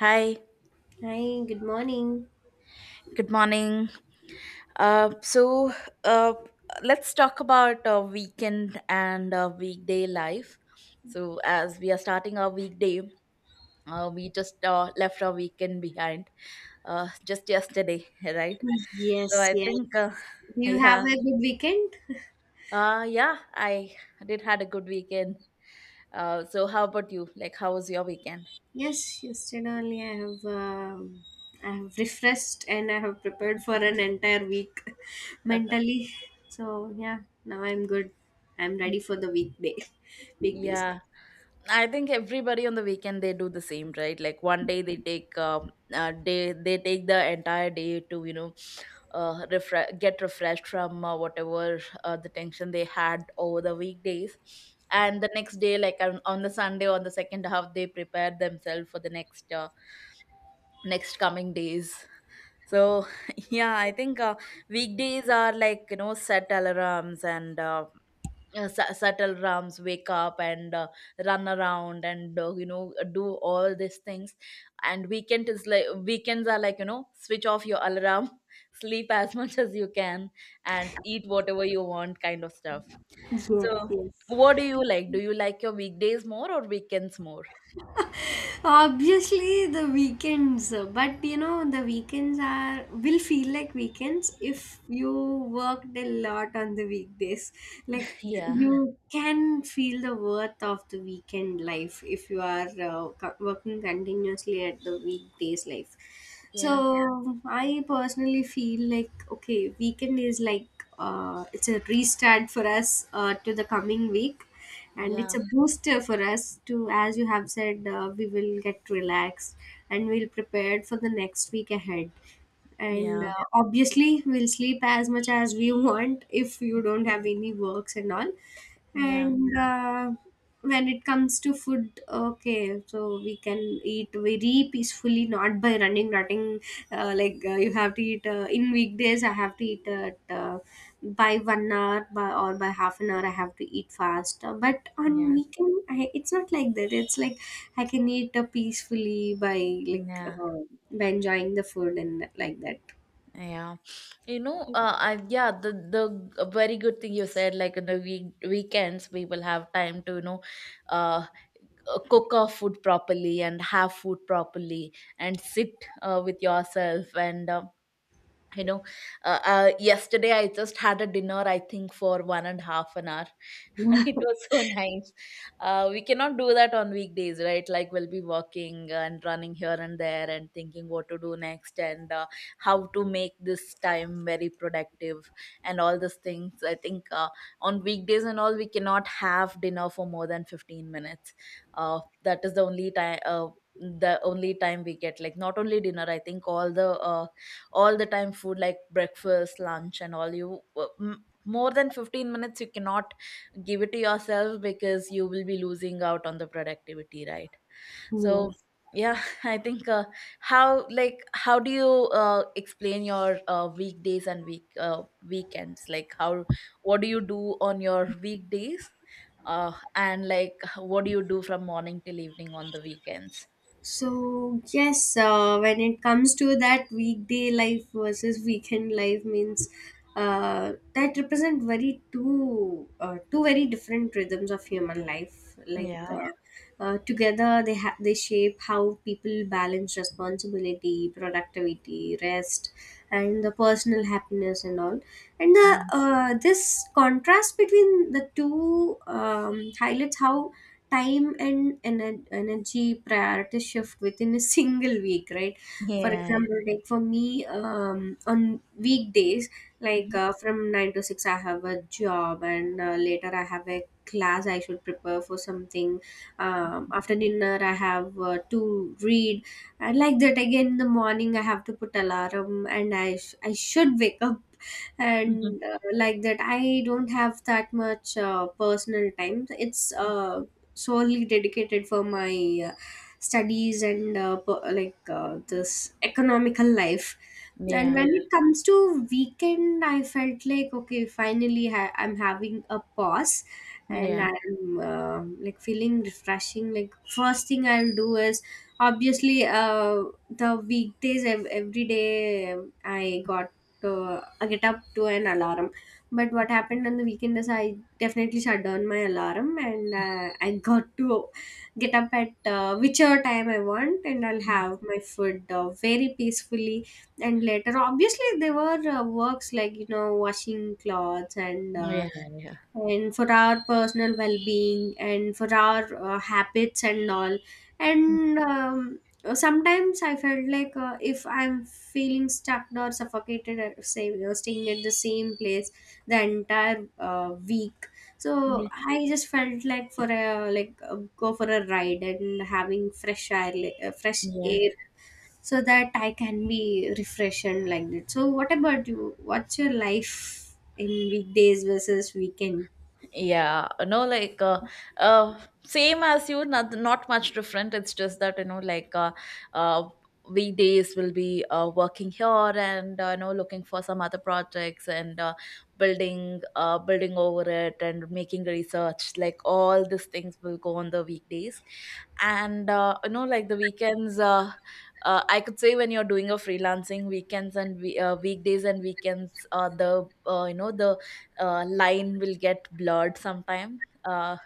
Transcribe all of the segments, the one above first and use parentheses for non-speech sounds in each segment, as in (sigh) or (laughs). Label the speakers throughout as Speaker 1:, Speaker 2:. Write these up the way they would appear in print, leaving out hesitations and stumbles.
Speaker 1: Hi,
Speaker 2: Hi, good morning.
Speaker 1: good morning. Uh, so uh, let's talk about weekend and weekday life. So as we are starting our weekday, we just left our weekend behind just yesterday, (laughs) right? So
Speaker 2: Yes,
Speaker 1: I
Speaker 2: yes.
Speaker 1: think,
Speaker 2: Do you have
Speaker 1: yeah,
Speaker 2: a good weekend?
Speaker 1: yeah, I did had a good weekend. So how about you? Like, how was your weekend?
Speaker 2: Yes, yesterday only I have refreshed and I have prepared for an entire week (laughs) mentally. So yeah, now I'm good. I'm ready
Speaker 1: (laughs)
Speaker 2: for the weekday, (laughs) weekdays.
Speaker 1: Yeah. I think everybody on the weekend they do the same, right? Like one day they take the entire day to get refreshed from whatever the tension they had over the weekdays, and the next day, like on the Sunday on the second half, they prepare themselves for the next coming days. So (laughs) yeah, I think, weekdays are like, you know, set alarms, and subtle rams wake up, and run around, and you know, do all these things, and weekends are like, you know, switch off your alarm, (laughs) sleep as much as you can, and eat whatever you want kind of stuff.
Speaker 2: Yes,
Speaker 1: So
Speaker 2: yes.
Speaker 1: what do you like your weekdays more or weekends more?
Speaker 2: Obviously, the weekends, but you know, the weekends are will feel like weekends if you worked a lot on the weekdays. Like
Speaker 1: Yeah.
Speaker 2: you can feel the worth of the weekend life if you are working continuously at the weekdays life.
Speaker 1: Yeah.
Speaker 2: So I personally feel like okay, weekend is like it's a restart for us to the coming week, and it's
Speaker 1: Yeah.
Speaker 2: a booster for us to, as you have said, we will get relaxed and we'll prepared for the next week ahead. And
Speaker 1: Yeah.
Speaker 2: uh, obviously, we'll sleep as much as we (laughs) want if you don't have any works and all.
Speaker 1: Yeah.
Speaker 2: And when it comes to food, okay, so we can eat very peacefully, not by running, running. Like you have to eat in weekdays. I have to eat at by 1 hour, by or by half an hour. I have to eat fast. But
Speaker 1: Yeah.
Speaker 2: on weekend, it's not like that. It's like I can eat peacefully by like
Speaker 1: Yeah.
Speaker 2: by enjoying the food and like that.
Speaker 1: Yeah, you know, the very good thing you said, like in the weekends, we will have time to, you know, uh, cook our food properly and have food properly, and sit with yourself, and you know yesterday I just had a dinner, I think, for one and a half an hour. (laughs) It was
Speaker 2: (laughs)
Speaker 1: so nice. We cannot do that on weekdays, right? Like, we'll be walking and running here and there, and thinking what to do next, and how to make this time very productive, and all those things. I think, on weekdays and all, we cannot have dinner for more than 15 minutes. That is the only time we get, like, not only dinner. I think all the time food like breakfast, lunch, and all. You more than 15 minutes you cannot give it to yourself, because you will be losing out on the productivity, right? So
Speaker 2: Yes.
Speaker 1: yeah, (laughs) I think, how do you explain your weekdays and weekends? Like, how what do you do on your weekdays, and like what do you do from morning till evening on the weekends?
Speaker 2: So yes, when it comes to that weekday life versus weekend life means, that represent very two two very different rhythms of human life. Like
Speaker 1: Yeah.
Speaker 2: together they shape how people balance responsibility, productivity, rest, and the personal happiness and all. And the
Speaker 1: Mhm.
Speaker 2: this contrast between the two highlights how time and energy priority shift within a (laughs) single week, right? For
Speaker 1: Yeah.
Speaker 2: example, like for me, on weekdays, like
Speaker 1: Mhm.
Speaker 2: from 9 to 6 I have a job, and later I have a class I should prepare for something. After dinner, I have to read. And like that, again in the morning I have to put alarm, and I should wake up.
Speaker 1: Mhm.
Speaker 2: And like that, I don't have that much personal time. It's solely dedicated for my uh, studies and like this economical life. And
Speaker 1: Yeah.
Speaker 2: when it comes to weekend, I felt like okay, finally I'm having a pause, and
Speaker 1: Yeah.
Speaker 2: I'm like feeling refreshing. Like first thing I'll do is obviously, the weekdays every day I get up to an alarm. But what happened on the weekend is I definitely shut down my alarm, and I got to get up at whichever time I want, and I'll
Speaker 1: Mhm.
Speaker 2: have my food very peacefully. And later, obviously, there were works like washing clothes, and
Speaker 1: Oh,
Speaker 2: uh,
Speaker 1: yeah, yeah.
Speaker 2: and for our personal well-being and for our habits and all. And sometimes I felt like, if I'm feeling stuck or suffocated staying at the same place the entire week. So I just felt like, for a like go for a ride and having fresh air uh, fresh
Speaker 1: Yeah.
Speaker 2: air so that I can be refreshed and like that. So what about you? What's your life in weekdays versus weekends?
Speaker 1: Yeah, no, like, uh same as you. Not much different. It's just that, you know, like, uh we days will be working here, and you know, looking for some other projects, and building over it, and making research, like all these things will go on the weekdays. And you know, like, the weekends, I could say, when you're doing a freelancing, weekdays and weekends are the you know the line will get blurred sometime. uh,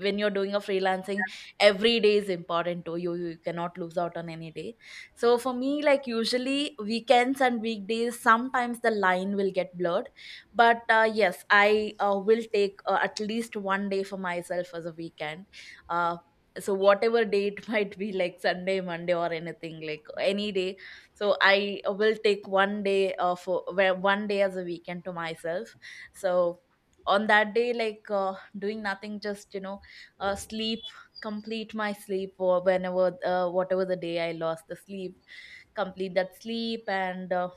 Speaker 1: when you're doing a freelancing, every day is important to you. You cannot lose out on any day. So for me, like, usually weekends and weekdays, sometimes the line will get blurred. But yes, I will take at least one day for myself as a weekend. uh, so whatever day it (laughs) might be, like Sunday, Monday, or anything, like any day. So I will take one day as a weekend to myself. So on that day, like, doing nothing, just, you know, sleep. Complete my sleep, or whenever whatever the day I lost the sleep, complete that sleep. And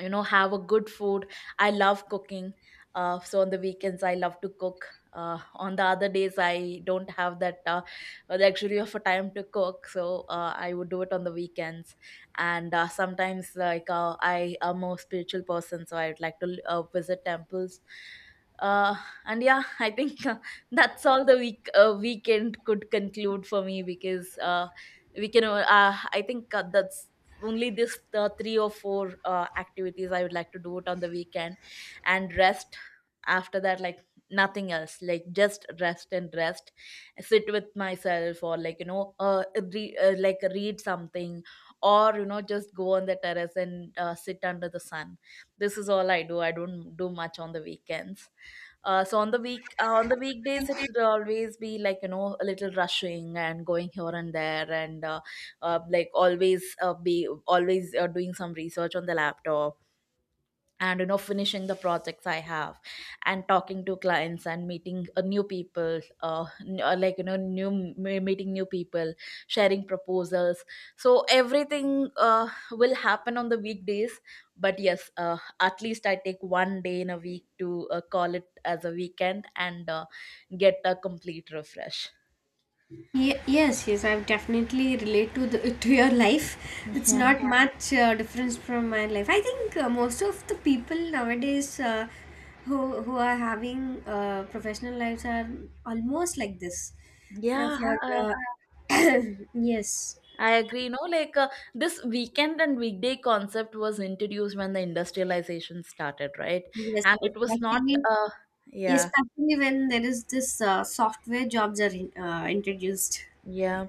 Speaker 1: you know, have a good food. I love cooking. So on the weekends I love to cook. On the other days I don't have that luxury of a time to cook, so I would do it on the weekends. And sometimes, like, I am a spiritual person, so I would like to visit temples. uh, and yeah, (laughs) I think, that's all the weekend could conclude for me, because we can I think, that's only this three or four activities I would like to do it on the weekend. And rest. After that, like, nothing else, like just rest and rest. Sit with myself, or like, you know, like read something. Or you know, just go on the terrace and sit under the sun. This is all I do. I don't do much on the weekends. So on the weekdays, it will always be like, you know, a little rushing and going here and there, and like always be always doing some research on the laptop, and you know, finishing the projects I have, and talking to clients, and meeting new people, meeting new people, sharing proposals. So everything will happen on the weekdays. But yes, at least I take one day in a week to call it as a weekend, and get a complete refresh.
Speaker 2: Yes, yes, I've definitely relate to the to your life. It's
Speaker 1: Yeah.
Speaker 2: not, yeah, much difference from my life. I think most of the people nowadays, who are having professional lives, are almost like this. Yeah,
Speaker 1: Yeah.
Speaker 2: for (coughs) (clears throat) yes,
Speaker 1: I agree. No, like, this weekend and weekday concept was introduced when the industrialization started, right?
Speaker 2: yes,
Speaker 1: And it was not,
Speaker 2: especially
Speaker 1: uh, yeah,
Speaker 2: especially when there is this software jobs are introduced.
Speaker 1: yeah.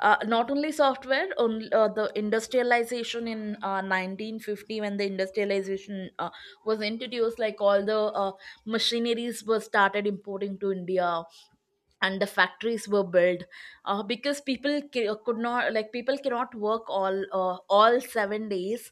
Speaker 1: Not only software, the industrialization in 1950, when the industrialization was introduced, like all the machineries were started importing to India, and the factories were built, because people could not, like, people cannot work all 7 days,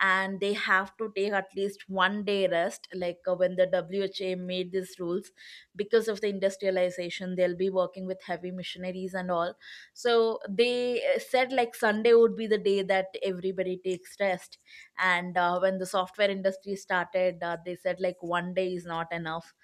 Speaker 1: and they have to take at least one day rest, like when the WHA made these rules, because of the industrialization they'll be working with heavy machineries and all. So they said like Sunday would be the day that everybody takes rest. And when the software industry started, they said like one day is not enough.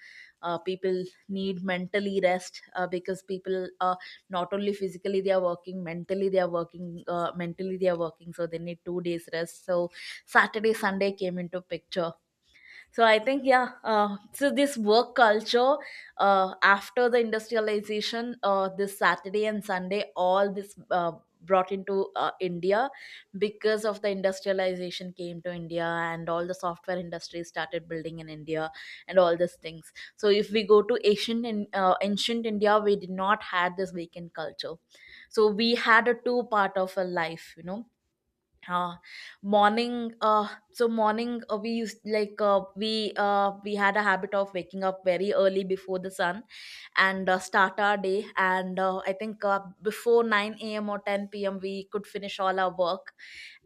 Speaker 1: People need mentally rest, because people, not only physically they are working, mentally they are working, so they need 2 days rest. So Saturday, Sunday came into picture. So I think, yeah, so this work culture, after the industrialization, this Saturday and Sunday, all this brought into India, because of the industrialization came to India, and all the software industry started building in India, and all these things. So if we go to ancient India, we did not had this weekend culture. So we had a two part of a life, you know. uh morning, we used like we had a habit of waking up very early before the sun, and start our day. And I think, before 9 a.m or 10 p.m we could finish all our work.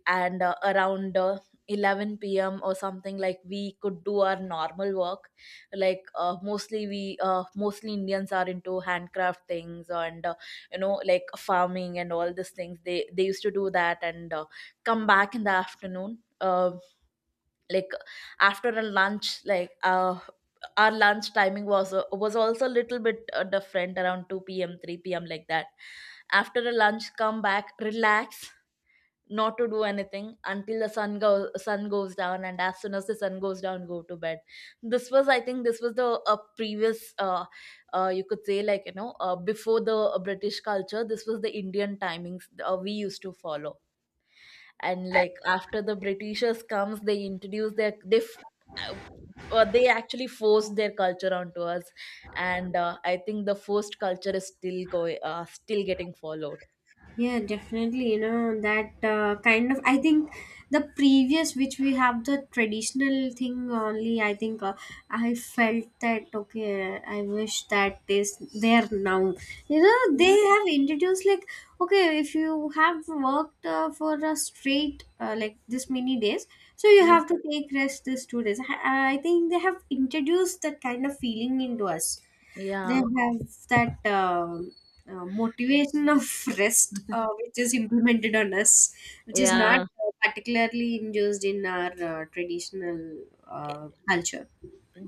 Speaker 1: And around 11 p.m. or something, like, we could do our normal work. Like mostly Indians are into handcraft things, and you know, like farming and all these things. They used to do that, and come back in the afternoon, like after a lunch, like, our lunch timing was, was also a little bit different, around 2 p.m, 3 p.m, like that. After a lunch, come back, relax. Not to do anything until the sun goes down, and as soon as the sun goes down, go to bed. This was, I think, this was the previous, you could say like, you know, before the British culture. This was the Indian timings we used to follow. And like after the britishers comes, they introduce their, uh, they actually forced their culture onto us. And I think the forced culture is still going still getting followed.
Speaker 2: Yeah, definitely. You know, that kind of, I think the previous, which we have the traditional thing only, I think, I felt that, okay, I wish that is there now. You know, they
Speaker 1: Yeah.
Speaker 2: have introduced, like, okay, if you have worked for a straight, like, this many days, so you
Speaker 1: Yeah.
Speaker 2: have to take rest this 2 days. I think they have introduced that kind of feeling into us. They
Speaker 1: Yeah.
Speaker 2: have that motivation of (laughs) rest,
Speaker 1: (laughs)
Speaker 2: which is implemented on us, which is not
Speaker 1: Yeah.
Speaker 2: particularly induced in our traditional culture.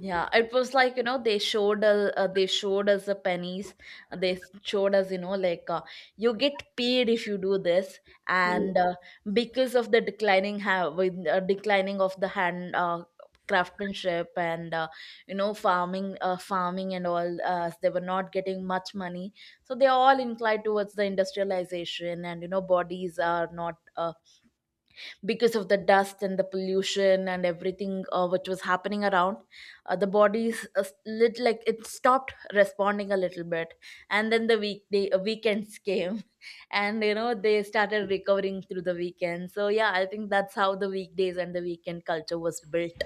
Speaker 1: Yeah, it was like, you know, they showed us the pennies. They showed us, you know, like, you get paid if you do this,
Speaker 2: Mm.
Speaker 1: and because of the declining ha- with declining of the hand craftsmanship, and you know, farming and all, they were not getting much money. So they are all inclined towards the industrialization, and you know bodies are not. Because of the dust and the pollution and everything, which was happening around, the bodies, lit like it stopped responding a little bit. And then the weekday weekends came (laughs) and you know they started recovering through the weekend. So yeah, I think that's how the weekdays and the weekend culture was built,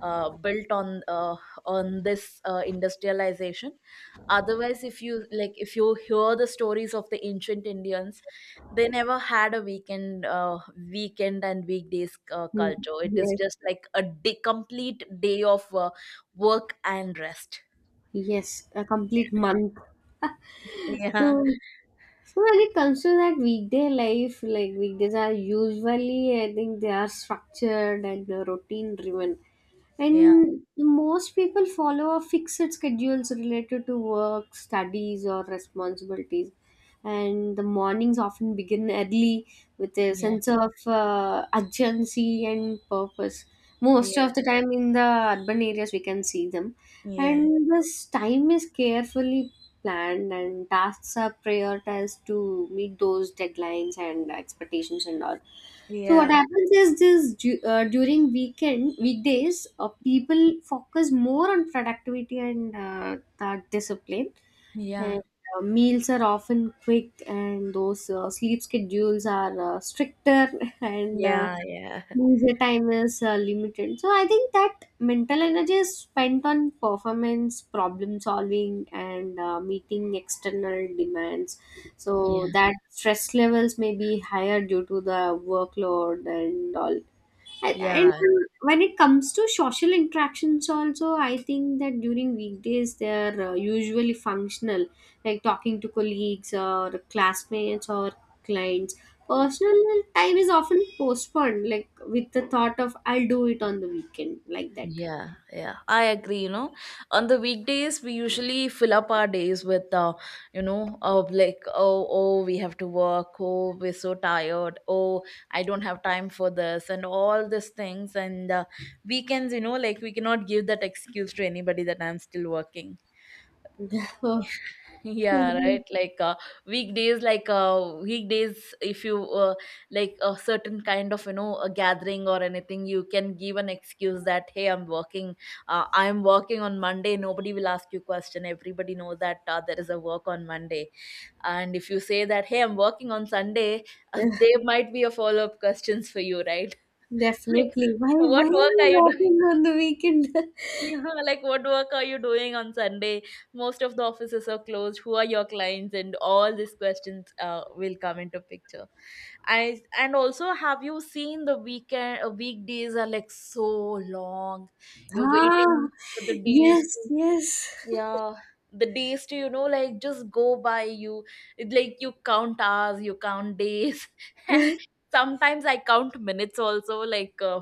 Speaker 1: built on, on this, industrialization. Otherwise, if you hear the stories of the ancient Indians, they never had a weekend and weekdays
Speaker 2: Mm.
Speaker 1: culture. It is
Speaker 2: Yes,
Speaker 1: just like a day, complete day of work and rest.
Speaker 2: yes, a complete month.
Speaker 1: (laughs)
Speaker 2: So
Speaker 1: Yeah.
Speaker 2: When it comes to that weekday life, like weekdays are usually, I think, they are structured and routine driven.
Speaker 1: Yeah.
Speaker 2: And most people follow a fixed schedules related to work, studies, or responsibilities. And the mornings often begin early with a
Speaker 1: Yeah.
Speaker 2: sense of urgency and purpose. Most of the
Speaker 1: Yeah.
Speaker 2: time in the urban areas, we can see them.
Speaker 1: Yeah.
Speaker 2: And this time is carefully planned and tasks are prioritized to meet those deadlines and expectations and all. So what
Speaker 1: Yeah.
Speaker 2: happens is, this during weekend weekdays, people focus more on productivity and that discipline.
Speaker 1: Yeah.
Speaker 2: And meals are often quick and those sleep schedules are stricter, (laughs) and
Speaker 1: Yeah.
Speaker 2: leisure time is limited. So I think that mental energy is spent on performance, problem solving, and meeting external demands.
Speaker 1: Yeah.
Speaker 2: So that stress levels may be higher due to the workload and all. And
Speaker 1: Yeah.
Speaker 2: when it comes to social interactions, also, I think that during weekdays they're usually functional, like talking to colleagues or classmates or clients. Personal time is often postponed, like with the thought of I'll do it on the weekend, like that.
Speaker 1: Yeah, yeah, I agree. You know, on the weekdays, we usually fill up our days with, like, oh, we have to work. Oh, we're so tired. Oh, I don't have time for this, and all these things. And weekends, like, we cannot give that excuse to anybody that I'm still working.
Speaker 2: (laughs) Oh,
Speaker 1: Yeah, right.
Speaker 2: mhm.
Speaker 1: Weekdays, if you like a certain kind of a gathering or anything, you can give an excuse that hey, I'm working. I'm working on Monday. Nobody will ask you question. Everybody knows that there is a work on Monday. And if you say that hey, I'm working on Sunday, (laughs) there might be a follow up questions for you, right? (laughs) Like,
Speaker 2: Definitely. Why
Speaker 1: what
Speaker 2: are
Speaker 1: work
Speaker 2: you
Speaker 1: are you
Speaker 2: working on the weekend?
Speaker 1: Yeah, (laughs) like what work are you doing on Sunday? Most of the offices are closed. Who are your clients? And all these questions will come into picture. I and also, have you seen the weekend weekdays are like so long.
Speaker 2: (laughs)
Speaker 1: You're
Speaker 2: Ah,
Speaker 1: waiting for the days
Speaker 2: yes,
Speaker 1: to,
Speaker 2: yes.
Speaker 1: yeah, the days to, like, just go by you. It, like, you count hours, you count days (laughs) and
Speaker 2: (laughs)
Speaker 1: sometimes I count minutes also, like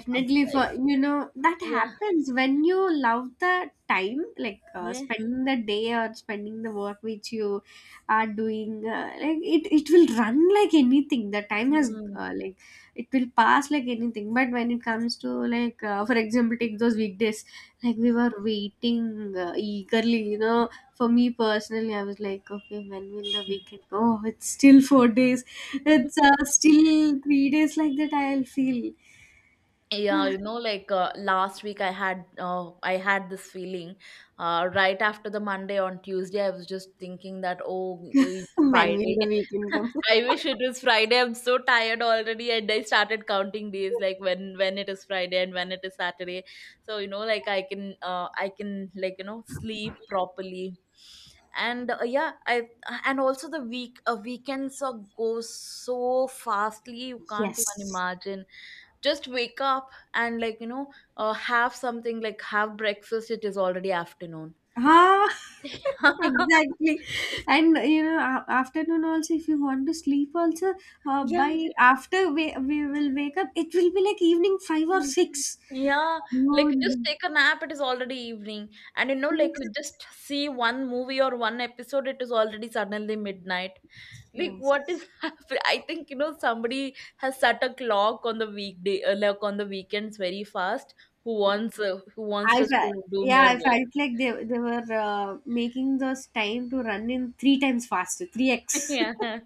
Speaker 1: (laughs) um,
Speaker 2: for you know that
Speaker 1: yeah.
Speaker 2: happens when you love the time, like
Speaker 1: Yeah.
Speaker 2: spending the day or spending the work which you are doing. Like it will run like anything. The time has
Speaker 1: Mm.
Speaker 2: like it will pass like anything. But when it comes to, like, for example, take those weekdays, like we were waiting eagerly. You know, for me personally, I was like, okay, when will the weekend go? Oh, it's still 4 days. It's still 3 days like that, I'll feel.
Speaker 1: Yeah, like, last week I had this feeling, right after the Monday, on Tuesday, I was just thinking that oh,
Speaker 2: (laughs)
Speaker 1: it's
Speaker 2: When will
Speaker 1: Friday.
Speaker 2: the weekend come?
Speaker 1: (laughs) I wish it was Friday, I'm so tired already, and I started counting days, like when it is Friday and when it is Saturday. So, like, I can, like, sleep properly. And yeah, I and also, the weekends go so fastly, you can't even
Speaker 2: Yes.
Speaker 1: imagine. Just wake up and, like, have something, like, have breakfast, it is already afternoon.
Speaker 2: Ah,
Speaker 1: (laughs)
Speaker 2: (laughs) exactly. And you know, afternoon also, if you want to sleep also,
Speaker 1: Yeah.
Speaker 2: by after we will wake up, it will be like evening five or
Speaker 1: Mm.
Speaker 2: six.
Speaker 1: Yeah,
Speaker 2: No,
Speaker 1: like, just
Speaker 2: no.
Speaker 1: take a nap, it is already evening. And, like, you just see one movie or one episode, it is already suddenly midnight. Like, what
Speaker 2: Yes.
Speaker 1: is (laughs) happening? I think, somebody has set a clock on the weekends very fast. Who wants
Speaker 2: I
Speaker 1: us
Speaker 2: felt,
Speaker 1: to do
Speaker 2: yeah,
Speaker 1: more
Speaker 2: I
Speaker 1: work.
Speaker 2: felt like they were making those time to run in three times faster, 3x.
Speaker 1: (laughs)
Speaker 2: (laughs)
Speaker 1: Yeah.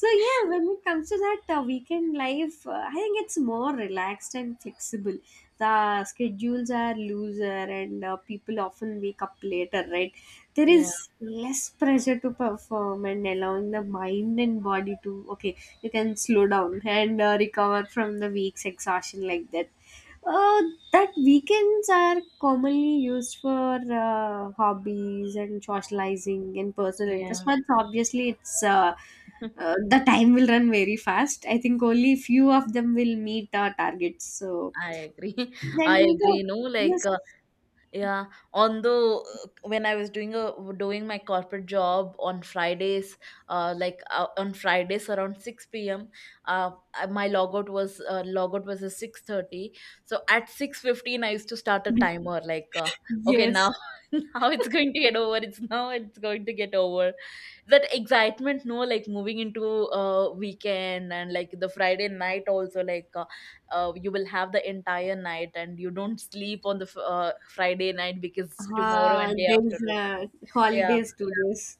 Speaker 2: So yeah, when it comes to that, weekend life, I think it's more relaxed and flexible. The schedules are looser, and people often wake up later, right? There
Speaker 1: Yeah.
Speaker 2: is less pressure to perform, and allowing the mind and body to, okay, you can slow down and recover from the week's exhaustion like that. uh, that weekends are commonly used for hobbies and socializing and personal interests.
Speaker 1: Yeah.
Speaker 2: But obviously, it's the time will run very fast. I think only few of them will meet our targets. So
Speaker 1: I agree. (laughs)
Speaker 2: then,
Speaker 1: I
Speaker 2: the
Speaker 1: agree. You know, like,
Speaker 2: yes,
Speaker 1: yeah. Although when I was doing my corporate job on Fridays, like on Fridays around 6 p.m., my logout was at 6:30. So at 6:15, I used to start a timer. Like, okay,
Speaker 2: yes,
Speaker 1: now (laughs) now it's going to get over. It's going to get over. That excitement, no, like, moving into weekend, and like the Friday night also, like, you will have the entire night and you don't sleep on the Friday night because tomorrow and day
Speaker 2: there
Speaker 1: after
Speaker 2: is,
Speaker 1: is. Yeah.
Speaker 2: holidays to this.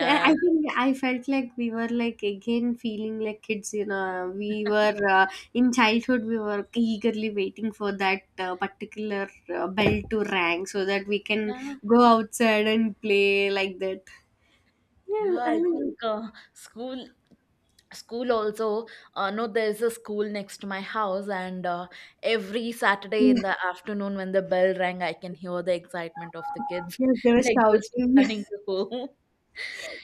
Speaker 2: I think I felt like we were like again feeling like kids. You know, we were,
Speaker 1: (laughs)
Speaker 2: in childhood, we were eagerly waiting for that particular bell to rang so that we can
Speaker 1: Yeah,
Speaker 2: go outside and play like that.
Speaker 1: yeah,
Speaker 2: Yeah, I
Speaker 1: I think
Speaker 2: mean,
Speaker 1: school also, no, there's a school next to my house and every Saturday in the afternoon when the bell rang I can hear the excitement of the kids
Speaker 2: yes, they
Speaker 1: (laughs)
Speaker 2: were
Speaker 1: like just
Speaker 2: shouting.
Speaker 1: running to
Speaker 2: (laughs)
Speaker 1: home.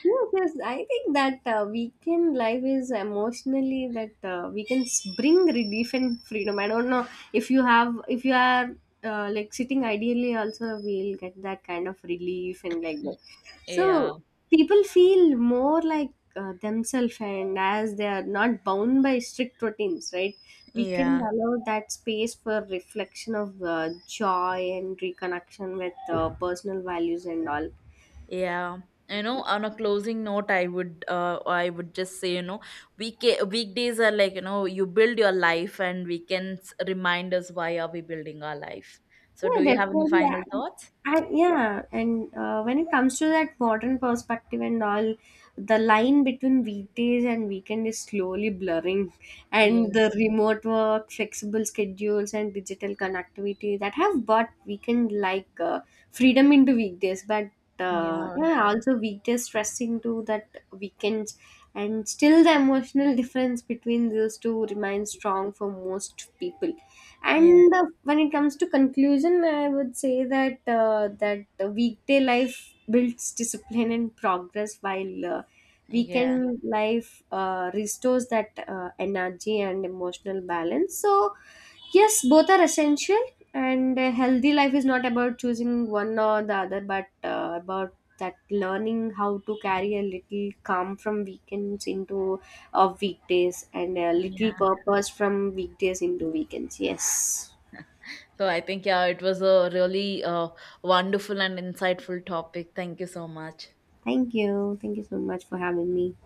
Speaker 2: Yes, yes. I think that, weekend life is emotionally that, weekends bring relief and freedom. I don't know, if you are like sitting ideally, also we'll get that kind of relief and like that.
Speaker 1: (laughs) Yeah.
Speaker 2: So people feel more like themselves, and as they are not bound by strict routines, right? We can
Speaker 1: Yeah,
Speaker 2: allow that space for reflection of joy and reconnection with personal values and all.
Speaker 1: yeah. You know, on a closing note, I would just say, week weekdays are like, you build your life, and weekends remind us why are we building our life. So, do
Speaker 2: Yeah,
Speaker 1: you have any
Speaker 2: definitely.
Speaker 1: final
Speaker 2: I,
Speaker 1: thoughts?
Speaker 2: I, yeah, and when it comes to that modern perspective and all, the line between weekdays and weekend is slowly blurring, and
Speaker 1: Yeah,
Speaker 2: the remote work, flexible schedules, and digital connectivity that have brought weekend like freedom into weekdays, but,
Speaker 1: yeah,
Speaker 2: yeah, also weekdays stressing to that weekends, and still the emotional (laughs) difference between those two remains strong for most people.
Speaker 1: yeah,
Speaker 2: And when it comes to conclusion, I would say that, that the weekday life builds discipline and progress, while
Speaker 1: yeah,
Speaker 2: weekend life restores that energy and emotional balance. So yes, both are essential, and a healthy life is not about choosing one or the other, but about that learning how to carry a little calm from weekends into of weekdays and a little
Speaker 1: yeah.
Speaker 2: purpose from weekdays into weekends. Yes.
Speaker 1: So I think, yeah, it was a really wonderful and insightful topic. Thank you so much.
Speaker 2: Thank you. Thank you so much for having me.